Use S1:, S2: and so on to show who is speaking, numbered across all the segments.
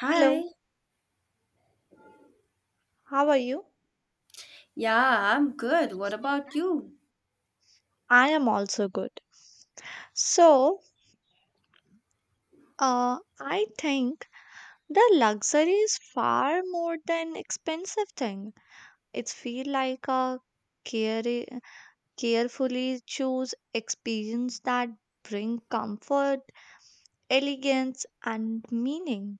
S1: Hi.
S2: Hello, how are you?
S1: Yeah, I'm good. What about you?
S2: I am also good. So, I think the luxury is far more than expensive thing. It's feel like a care carefully choose experience that bring comfort, elegance, and meaning.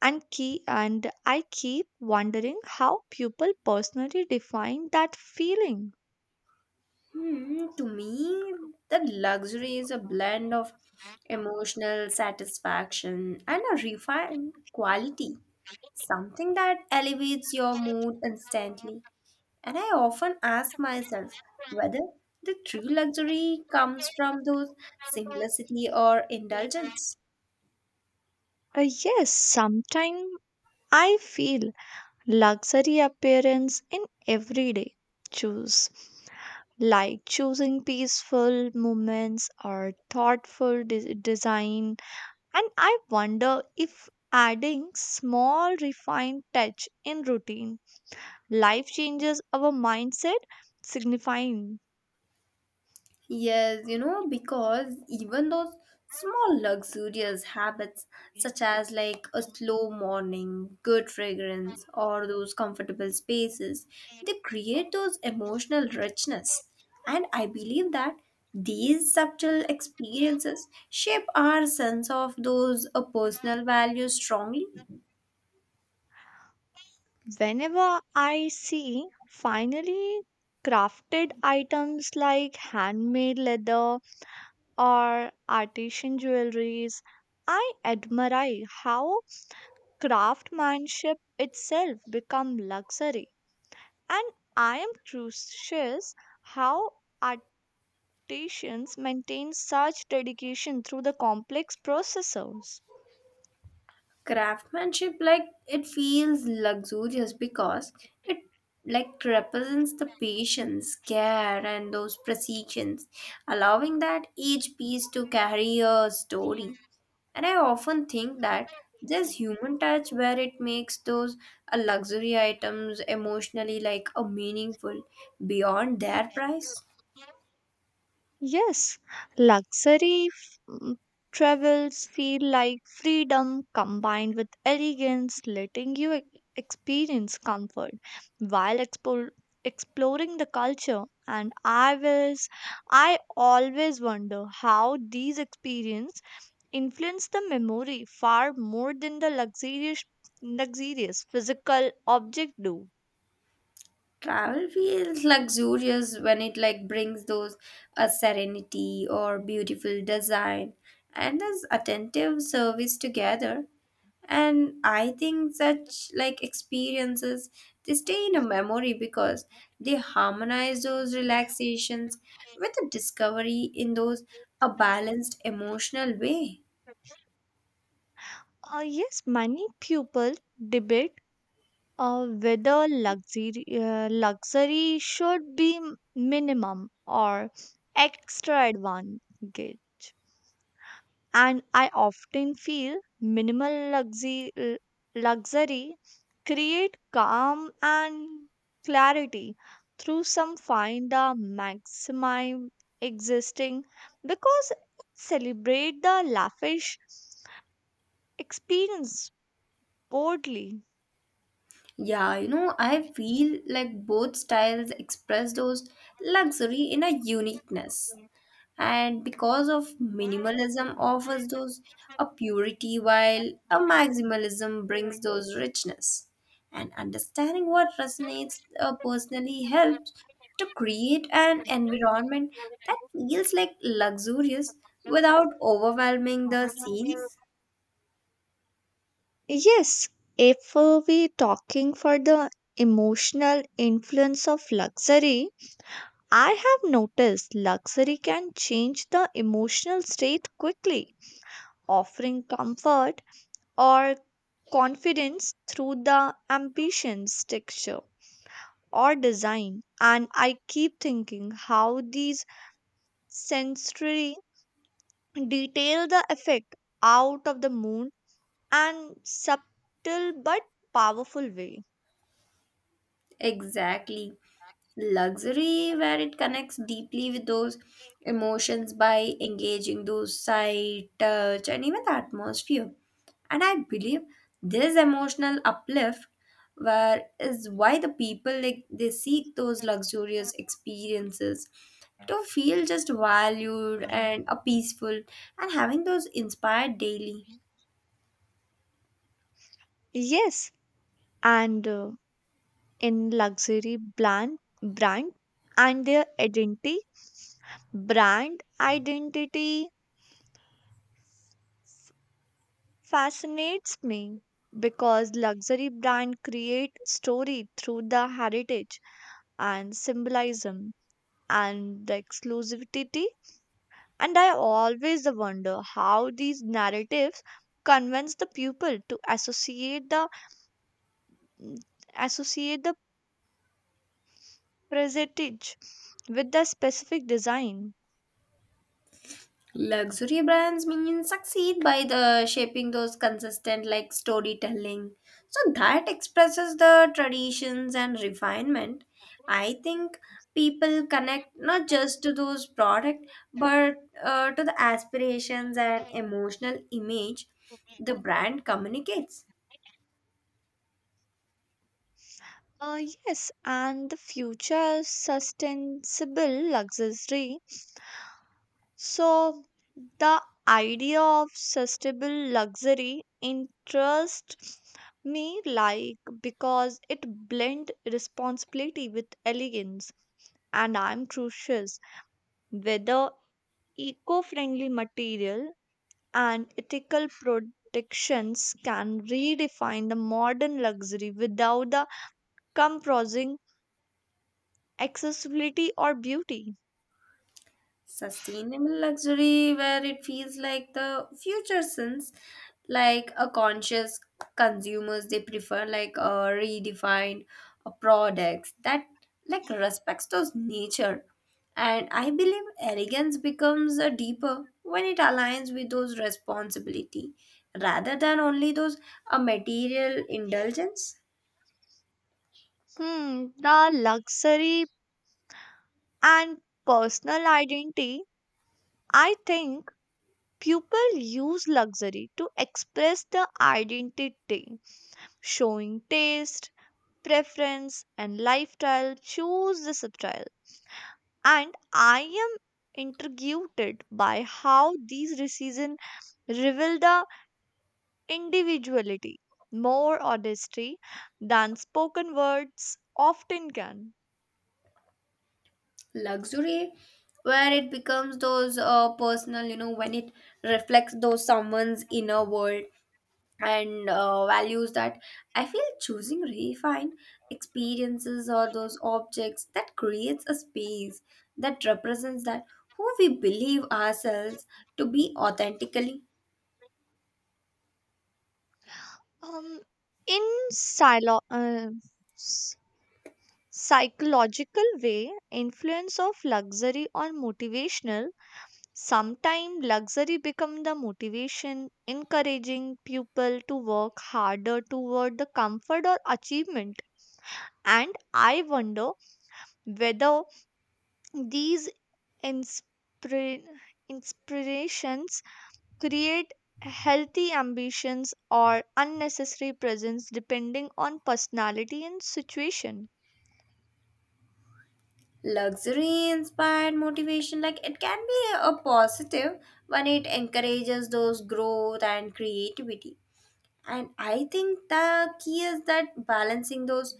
S2: And key and I keep wondering how people personally define that feeling.
S1: Hmm, to me, the luxury is a blend of emotional satisfaction and a refined quality, something that elevates your mood instantly. And I often ask myself whether the true luxury comes from those simplicity or indulgence.
S2: Yes, sometimes I feel luxury appearance in everyday choose like choosing peaceful moments or thoughtful design, and I wonder if adding small refined touch in routine life changes our mindset signifying
S1: Yes, you know, because even those small luxurious habits, such as like a slow morning, good fragrance, or those comfortable spaces, they create those emotional richness. And I believe that these subtle experiences shape our sense of those personal values strongly.
S2: whenever I see finally crafted items like handmade leather or artisan jewelries. I admire how craftsmanship itself become luxury and I am curious how artisans maintain such dedication through the complex processes.
S1: Craftsmanship like it feels luxurious because it like represents the patience care and those precisions, allowing that each piece to carry a story, and I often think that there's human touch where it makes those luxury items emotionally like a meaningful beyond their price.
S2: Yes, luxury f- mm, travels feel like freedom combined with elegance, letting you experience comfort while exploring the culture. And I always wonder how these experiences influence the memory far more than the luxurious physical object do.
S1: Travel feels luxurious when it like brings those a serenity or beautiful design and as attentive service together. And I think such like experiences they stay in a memory because they harmonize those relaxations with a discovery in those a balanced emotional way.
S2: Yes, many people debate whether luxury should be minimum or extra advantage. And I often feel minimal luxury create calm and clarity through some find the maximum existing because celebrate the lavish experience boldly.
S1: Yeah, you know, I feel like both styles express those luxury in a uniqueness. And because of minimalism offers those a purity while a maximalism brings those richness, and understanding what resonates personally helps to create an environment that feels like luxurious without overwhelming the scenes.
S2: Yes, if we talking for the emotional influence of luxury, I have noticed luxury can change the emotional state quickly, offering comfort or confidence through the ambitions texture or design. And I keep thinking how these sensory detail the effect out of the moon and subtle but powerful way.
S1: Exactly. Luxury, where it connects deeply with those emotions by engaging those sight, touch, and even the atmosphere. And I believe this emotional uplift where is why the people like they seek those luxurious experiences to feel just valued and a peaceful and having those inspired daily.
S2: Yes, and in luxury brand and their identity brand identity fascinates me because luxury brand create story through the heritage and symbolism and the exclusivity, and I always wonder how these narratives convince the people to associate the prestige with the specific design.
S1: Luxury brands mean succeed by the shaping those consistent like storytelling. So that expresses the traditions and refinement. I think people connect not just to those product but to the aspirations and emotional image the brand communicates.
S2: Yes, and the future sustainable luxury. So, the idea of sustainable luxury interests me like because it blends responsibility with elegance and I'm curious whether eco-friendly material and ethical protections can redefine the modern luxury without the compromising accessibility or beauty.
S1: Sustainable luxury, where it feels like the future sense, like a conscious consumers, they prefer like a redefined products that like respects those nature. And I believe elegance becomes a deeper when it aligns with those responsibility rather than only those a material indulgence.
S2: The luxury and personal identity. I think people use luxury to express the identity, showing taste, preference, and lifestyle. Choose the substyle. And I am intrigued by how these decisions reveal the individuality more honesty than spoken words often can.
S1: Luxury where it becomes those personal, you know, when it reflects those someone's inner world and values, that I feel choosing refined experiences or those objects that creates a space that represents that who we believe ourselves to be authentically.
S2: Um, in silo- uh, s- psychological way, influence of luxury or motivational. Sometimes luxury become the motivation, encouraging people to work harder toward the comfort or achievement. And I wonder whether these inspira- inspirations create healthy ambitions or unnecessary presence depending on personality and situation.
S1: Luxury inspired motivation like it can be a positive when it encourages those growth and creativity. And I think the key is that balancing those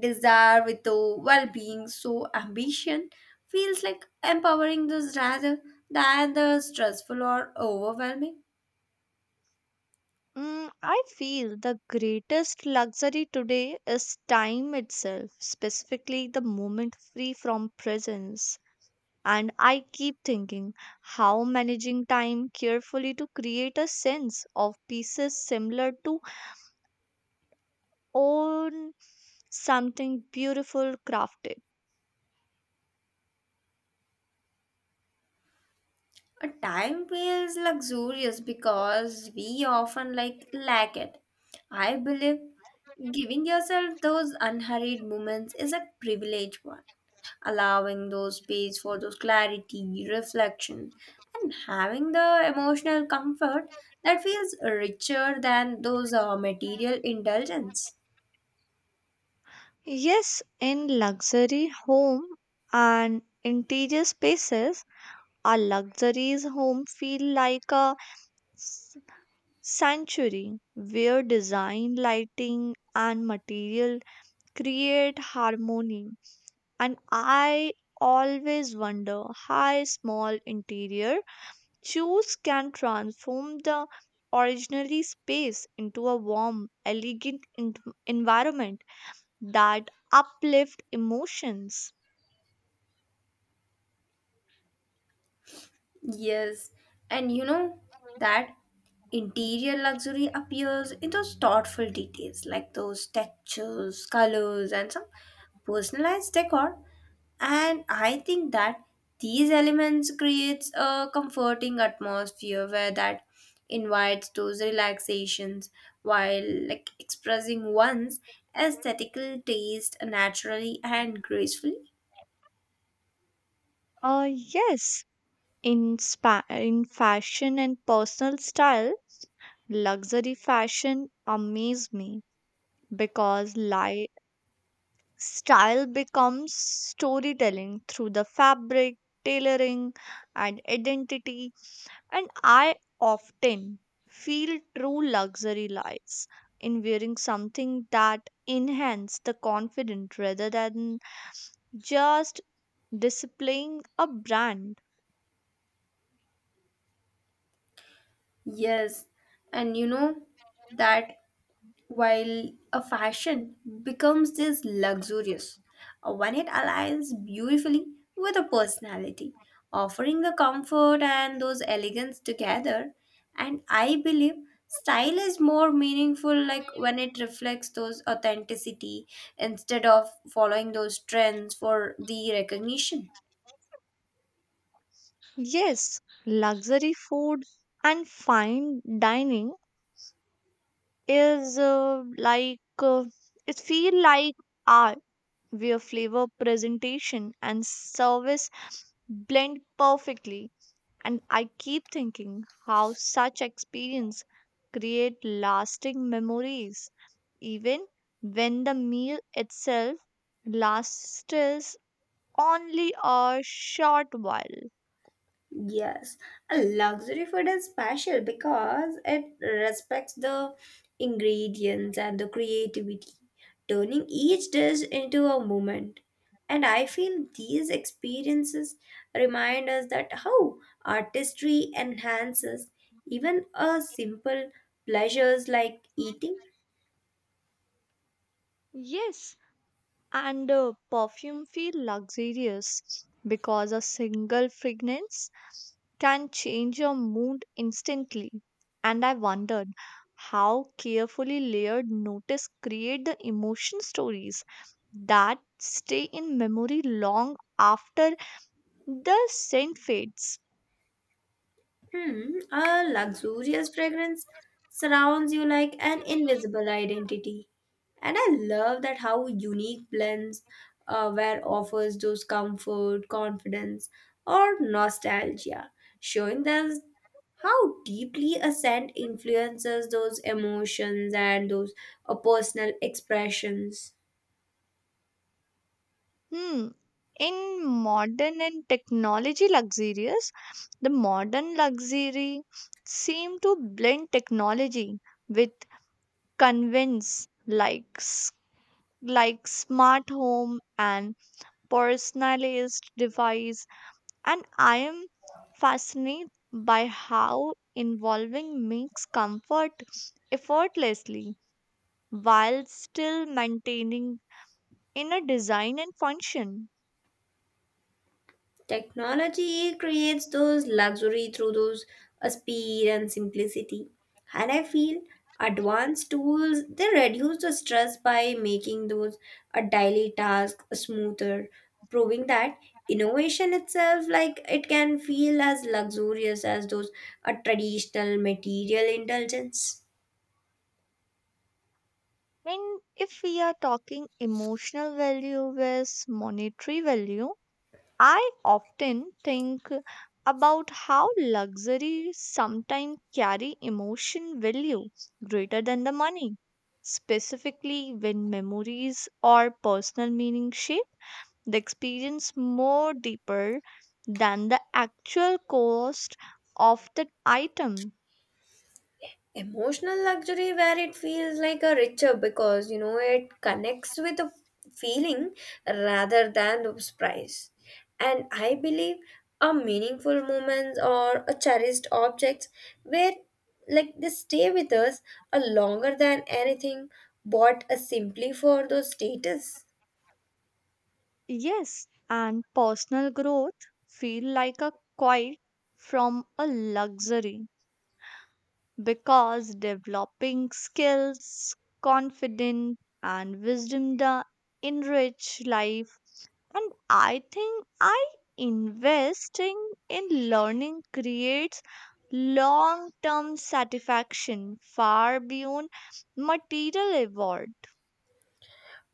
S1: desire with the well being, so ambition feels like empowering those rather than the stressful or overwhelming.
S2: I feel the greatest luxury today is time itself, specifically the moment free from presence. And I keep thinking how managing time carefully to create a sense of pieces similar to own something beautiful crafted.
S1: A time feels luxurious because we often like lack it. I believe giving yourself those unhurried moments is a privileged one, allowing those space for those clarity, reflection, and having the emotional comfort that feels richer than those material indulgence.
S2: Yes, in luxury home and interior spaces, a luxury's home feel like a s- sanctuary where design, lighting, and material create harmony. And I always wonder how small interior choose can transform the originally space into a warm, elegant environment that uplift emotions.
S1: Yes, and you know that interior luxury appears in those thoughtful details like those textures, colors, and some personalized decor, and I think that these elements creates a comforting atmosphere where that invites those relaxations while like expressing one's aesthetical taste naturally and gracefully.
S2: Yes, in fashion and personal style, luxury fashion amaze me because style becomes storytelling through the fabric, tailoring, and identity. And I often feel true luxury lies in wearing something that enhance the confidence rather than just displaying a brand.
S1: Yes, and you know that while a fashion becomes this luxurious when it aligns beautifully with a personality, offering the comfort and those elegance together, and I believe style is more meaningful like when it reflects those authenticity instead of following those trends for the recognition.
S2: Yes, luxury food and fine dining is like it feel like art where flavor presentation and service blend perfectly, and I keep thinking how such experience create lasting memories even when the meal itself lasts only a short while.
S1: Yes, a luxury food is special because it respects the ingredients and the creativity, turning each dish into a moment. And I feel these experiences remind us that how artistry enhances even a simple pleasures like eating.
S2: Yes, and perfume feel luxurious because a single fragrance can change your mood instantly, and I wondered how carefully layered notice create the emotion stories that stay in memory long after the scent fades.
S1: Hmm, a luxurious fragrance surrounds you like an invisible identity. And I love that how unique blends where offers those comfort, confidence, or nostalgia, showing us how deeply a scent influences those emotions and those personal expressions.
S2: hmm in modern and technology luxurious, the modern luxury seem to blend technology with convince like s- like smart home and personalized device, and I am fascinated by how involving makes comfort effortlessly while still maintaining inner design and function.
S1: Technology creates those luxury through those speed and simplicity. And I feel advanced tools they reduce the stress by making those a daily task smoother, proving that innovation itself like it can feel as luxurious as those a traditional material indulgence.
S2: And if we are talking emotional value versus monetary value, I often think about how luxury sometimes carry emotion value greater than the money, specifically when memories or personal meaning shape the experience more deeper than the actual cost of the item.
S1: Emotional luxury, where it feels like a richer because you know it connects with a feeling rather than the price. And I believe a meaningful moments or a cherished objects where like they stay with us a longer than anything bought a simply for those status.
S2: Yes, and personal growth feel like a quiet from a luxury because developing skills, confidence, and wisdom da enrich life. And I think I investing in learning creates long-term satisfaction far beyond material reward.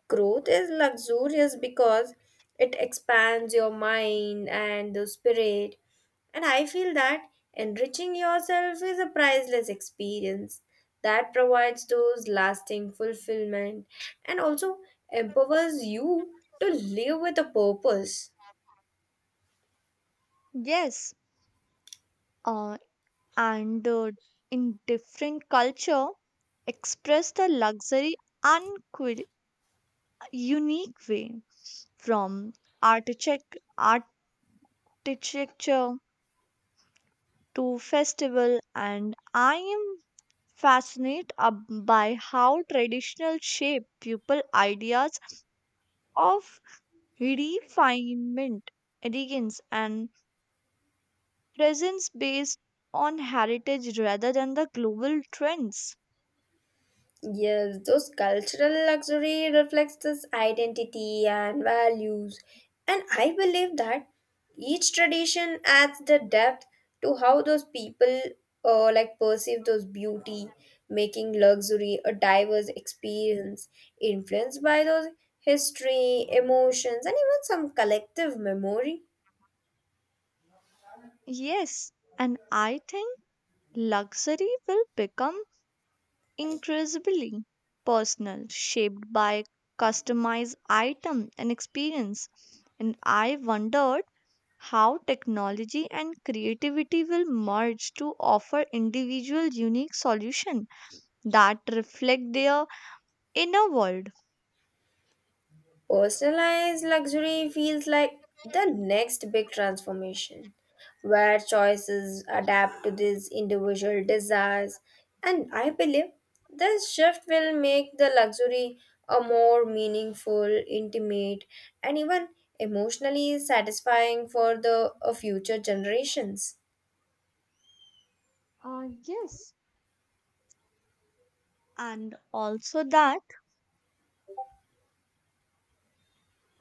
S1: Growth is luxurious because it expands your mind and the spirit. And I feel that enriching yourself is a priceless experience that provides those lasting fulfillment and also empowers you to live with a purpose.
S2: Yes, uh, and in different culture, express the luxury unquil- unique way from architect architecture to festival, and I am fascinated by how traditional shape people ideas of refinement, elegance and presence based on heritage rather than the global trends.
S1: Yes, those cultural luxury reflects this identity and values. And I believe that each tradition adds the depth to how those people like perceive those beauty, making luxury a diverse experience influenced by those history, emotions, and even some collective memory.
S2: Yes, and I think luxury will become increasingly personal, shaped by customized item and experience. And I wonder how technology and creativity will merge to offer individual unique solution that reflect their inner world.
S1: Personalized luxury feels like the next big transformation, where choices adapt to these individual desires. And I believe this shift will make the luxury a more meaningful, intimate, and even emotionally satisfying for the future generations.
S2: Yes, and also that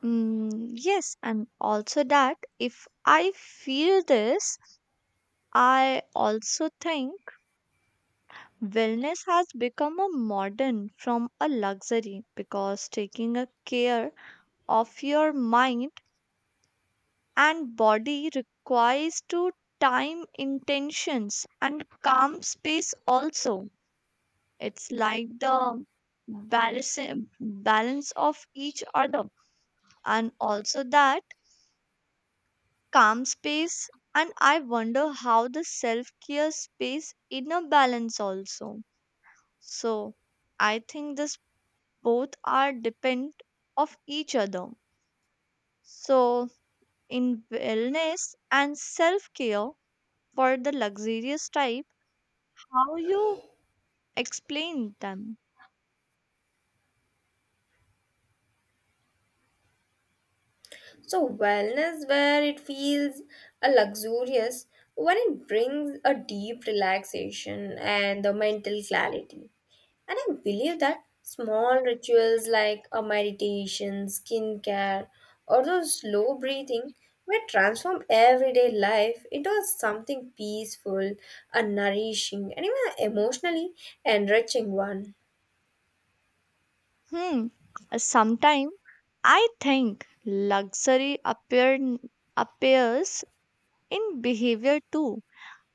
S2: yes and also that if I feel this I also think wellness has become a modern from a luxury because taking a care of your mind and body requires to time intentions and calm space, also it's like the balance balance of each other, and also that calm space, and I wonder how the self care space inner balance also, so I think this both are depend of each other, so in wellness and self care for the luxurious type, how you explain them.
S1: So, wellness, where it feels a luxurious, when it brings a deep relaxation and the mental clarity. And I believe that small rituals like a meditation, skincare, or those slow breathing may transform everyday life into something peaceful and nourishing and even emotionally enriching one.
S2: Hmm. Sometimes I think luxury appears in behavior too,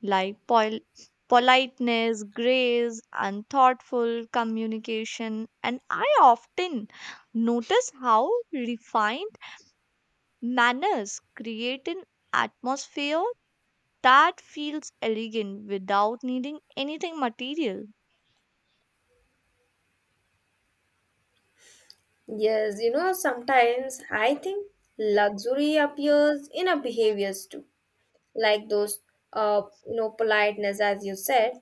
S2: like politeness, grace, and thoughtful communication. And I often notice how refined manners create an atmosphere that feels elegant without needing anything material.
S1: Yes, you know, sometimes I think luxury appears in our behaviors too, like those uh you know politeness as you said,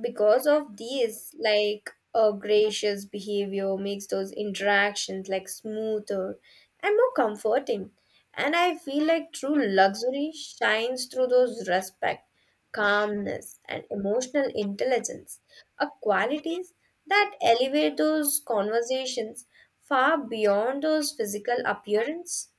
S1: because of these like a gracious behavior makes those interactions like smoother and more comforting, and I feel like true luxury shines through those respect, calmness, and emotional intelligence, are qualities that elevate those conversations far beyond those physical appearance.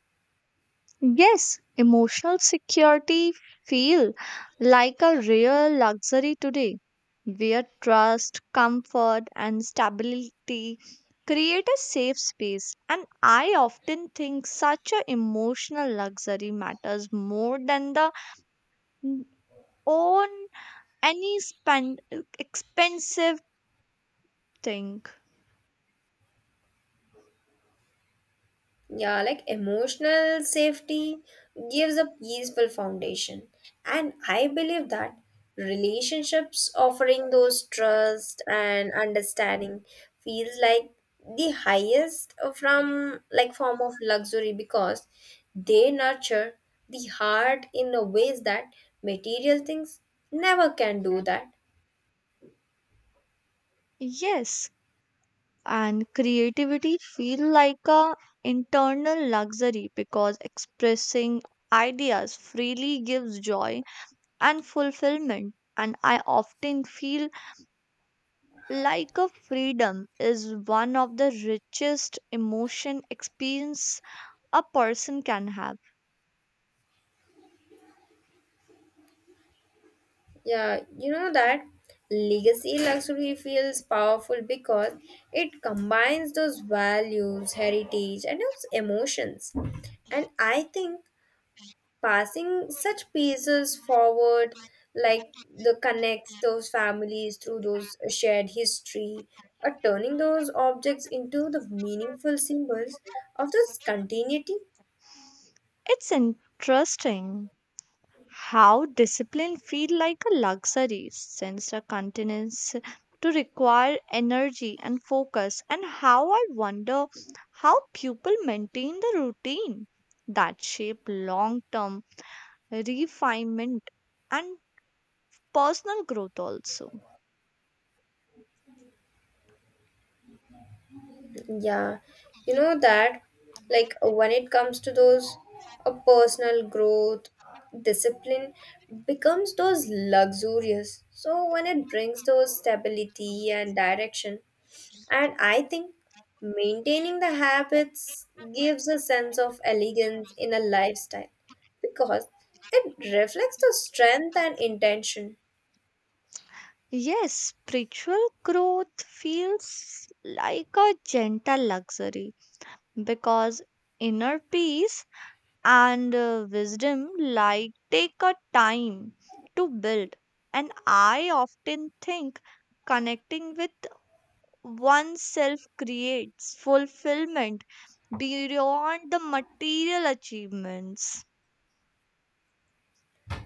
S2: Yes, emotional security feel like a real luxury today, where trust, comfort, and stability create a safe space. And I often think such a emotional luxury matters more than the own any spend expensive thing.
S1: Yeah, like emotional safety gives a peaceful foundation. And I believe that relationships offering those trust and understanding feels like the highest from like form of luxury because they nurture the heart in a ways that material things never can do that.
S2: Yes. And creativity feel like a internal luxury because expressing ideas freely gives joy and fulfillment, and I often feel like a freedom is one of the richest emotion experience a person can have.
S1: Yeah, you know that legacy luxury feels powerful because it combines those values, heritage, and those emotions. And I think passing such pieces forward, like the connects those families through those shared history, or turning those objects into the meaningful symbols of this continuity.
S2: It's interesting how discipline feel like a luxury since a continuance to require energy and focus, and how I wonder how people maintain the routine that shape long term refinement and personal growth also.
S1: Yeah, you know that, like when it comes to those a personal growth, discipline becomes those luxurious. So when it brings those stability and direction, and I think maintaining the habits gives a sense of elegance in a lifestyle because it reflects the strength and intention.
S2: Yes, spiritual growth feels like a gentle luxury because inner peace and wisdom like take a time to build, and I often think connecting with oneself creates fulfillment beyond the material achievements.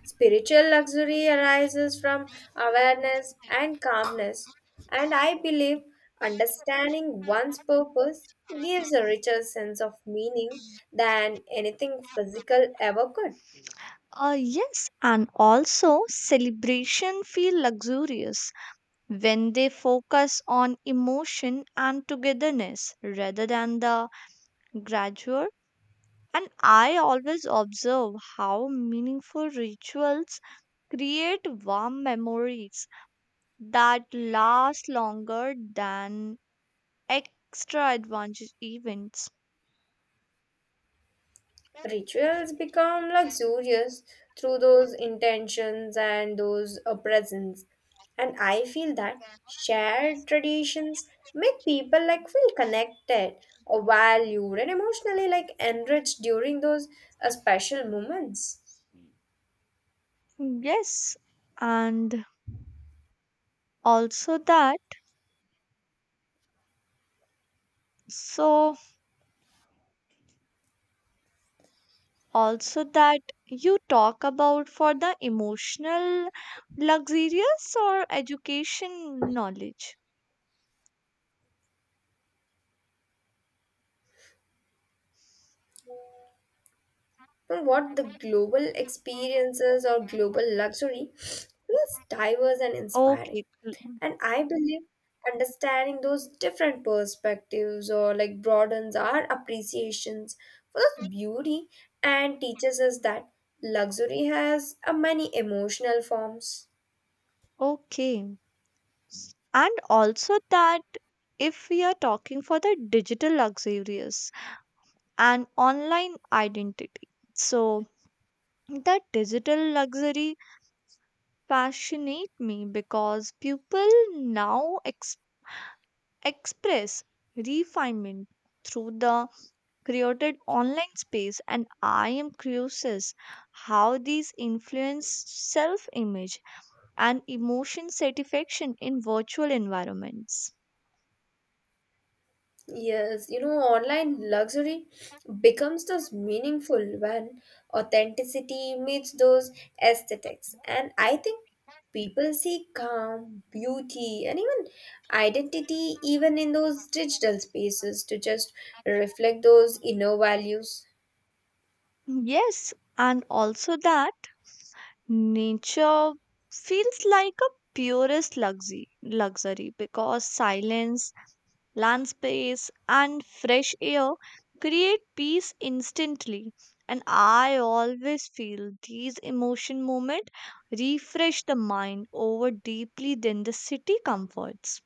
S1: Spiritual luxury arises from awareness and calmness, and I believe understanding one's purpose gives a richer sense of meaning than anything physical ever could.
S2: Yes, and also celebration feel luxurious when they focus on emotion and togetherness rather than the gradual. And I always observe how meaningful rituals create warm memories that last longer than extra advantage events.
S1: Rituals become luxurious through those intentions and those presence. And I feel that shared traditions make people like feel connected, valued, and emotionally like enriched during those special moments.
S2: Yes, and also that so also that you talk about for the emotional luxurious or education knowledge.
S1: But what the global experiences or global luxury feels diverse and inspiring.
S2: Okay, cool.
S1: And I believe understanding those different perspectives or like broadens our appreciations for this beauty and teaches us that luxury has a many emotional forms.
S2: Okay. And also that if we are talking for the digital luxurious and online identity, so the digital luxury fascinate me because people now express refinement through the created online space, and I am curious how these influence self image and emotion satisfaction in virtual environments.
S1: Yes, you know, online luxury becomes those meaningful when authenticity meets those aesthetics. And I think people see calm, beauty, and even identity even in those digital spaces to just reflect those inner values.
S2: Yes, and also that nature feels like a purest luxury because silence, land space, and fresh air create peace instantly. And I always feel these emotion moments refresh the mind over deeply than the city comforts.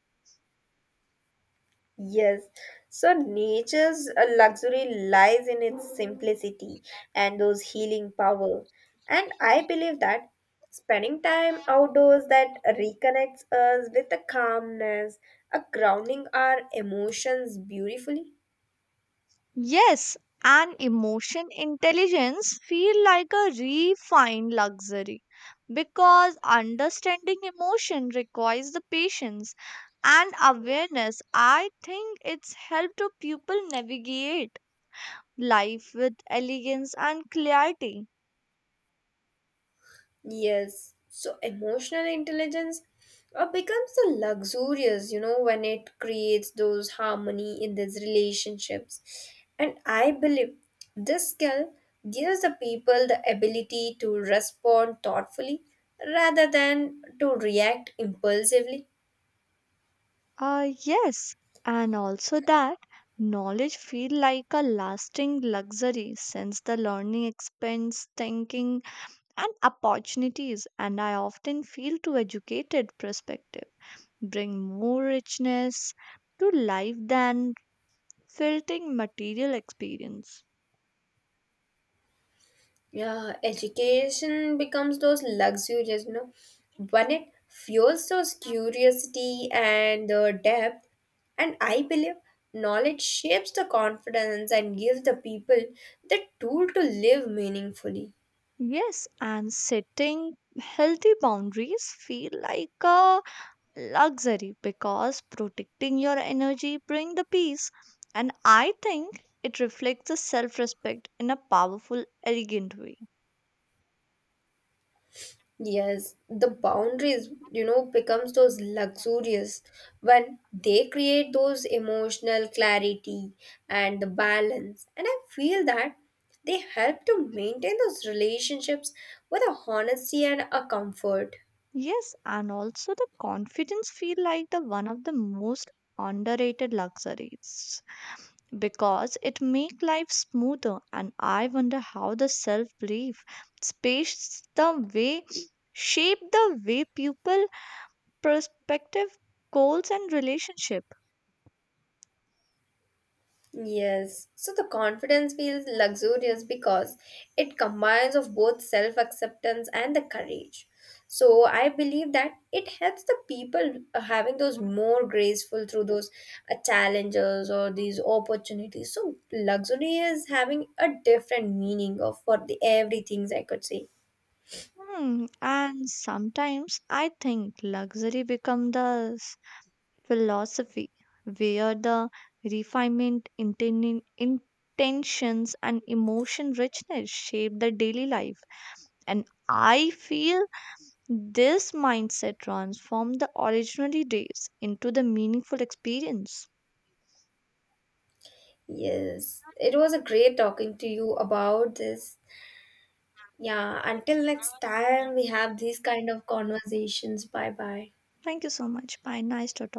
S1: Yes, so nature's luxury lies in its simplicity and those healing power. And I believe that spending time outdoors that reconnects us with a calmness, a grounding our emotions beautifully.
S2: Yes, and emotion intelligence feel like a refined luxury because understanding emotion requires the patience and awareness. I think it's helped to people navigate life with elegance and clarity.
S1: Yes, so emotional intelligence becomes a luxurious, you know, when it creates those harmony in these relationships. And I believe this skill gives the people the ability to respond thoughtfully rather than to react impulsively.
S2: Yes, and also that knowledge feel like a lasting luxury since the learning expands thinking and opportunities, and I often feel to educated perspective bring more richness to life than filtering material experience.
S1: Yeah, education becomes those luxuries, you know. When it fuels those curiosity and the depth, and I believe knowledge shapes the confidence and gives the people the tool to live meaningfully.
S2: Yes, and setting healthy boundaries feel like a luxury because protecting your energy bring the peace, and I think it reflects the self respect in a powerful elegant way.
S1: Yes, the boundaries, you know, becomes those luxurious when they create those emotional clarity and the balance. And I feel that they help to maintain those relationships with a honesty and a comfort.
S2: Yes, and also the confidence feel like the one of the most underrated luxuries because it make life smoother, and I wonder how the self belief space the way shape the way people perspective goals and relationship.
S1: Yes. So the confidence feels luxurious because it combines of both self-acceptance and the courage. So I believe that it helps the people having those more graceful through those challenges or these opportunities. So luxury is having a different meaning of for the everything's I could say.
S2: Hmm. And sometimes I think luxury become the philosophy, where the refinement, intentions, and emotion richness shape the daily life. And I feel this mindset transformed the ordinary days into the meaningful experience.
S1: Yes. It was a great talking to you about this. Yeah, until next time we have these kind of conversations. Bye bye.
S2: Thank you so much. Bye. Nice to talk.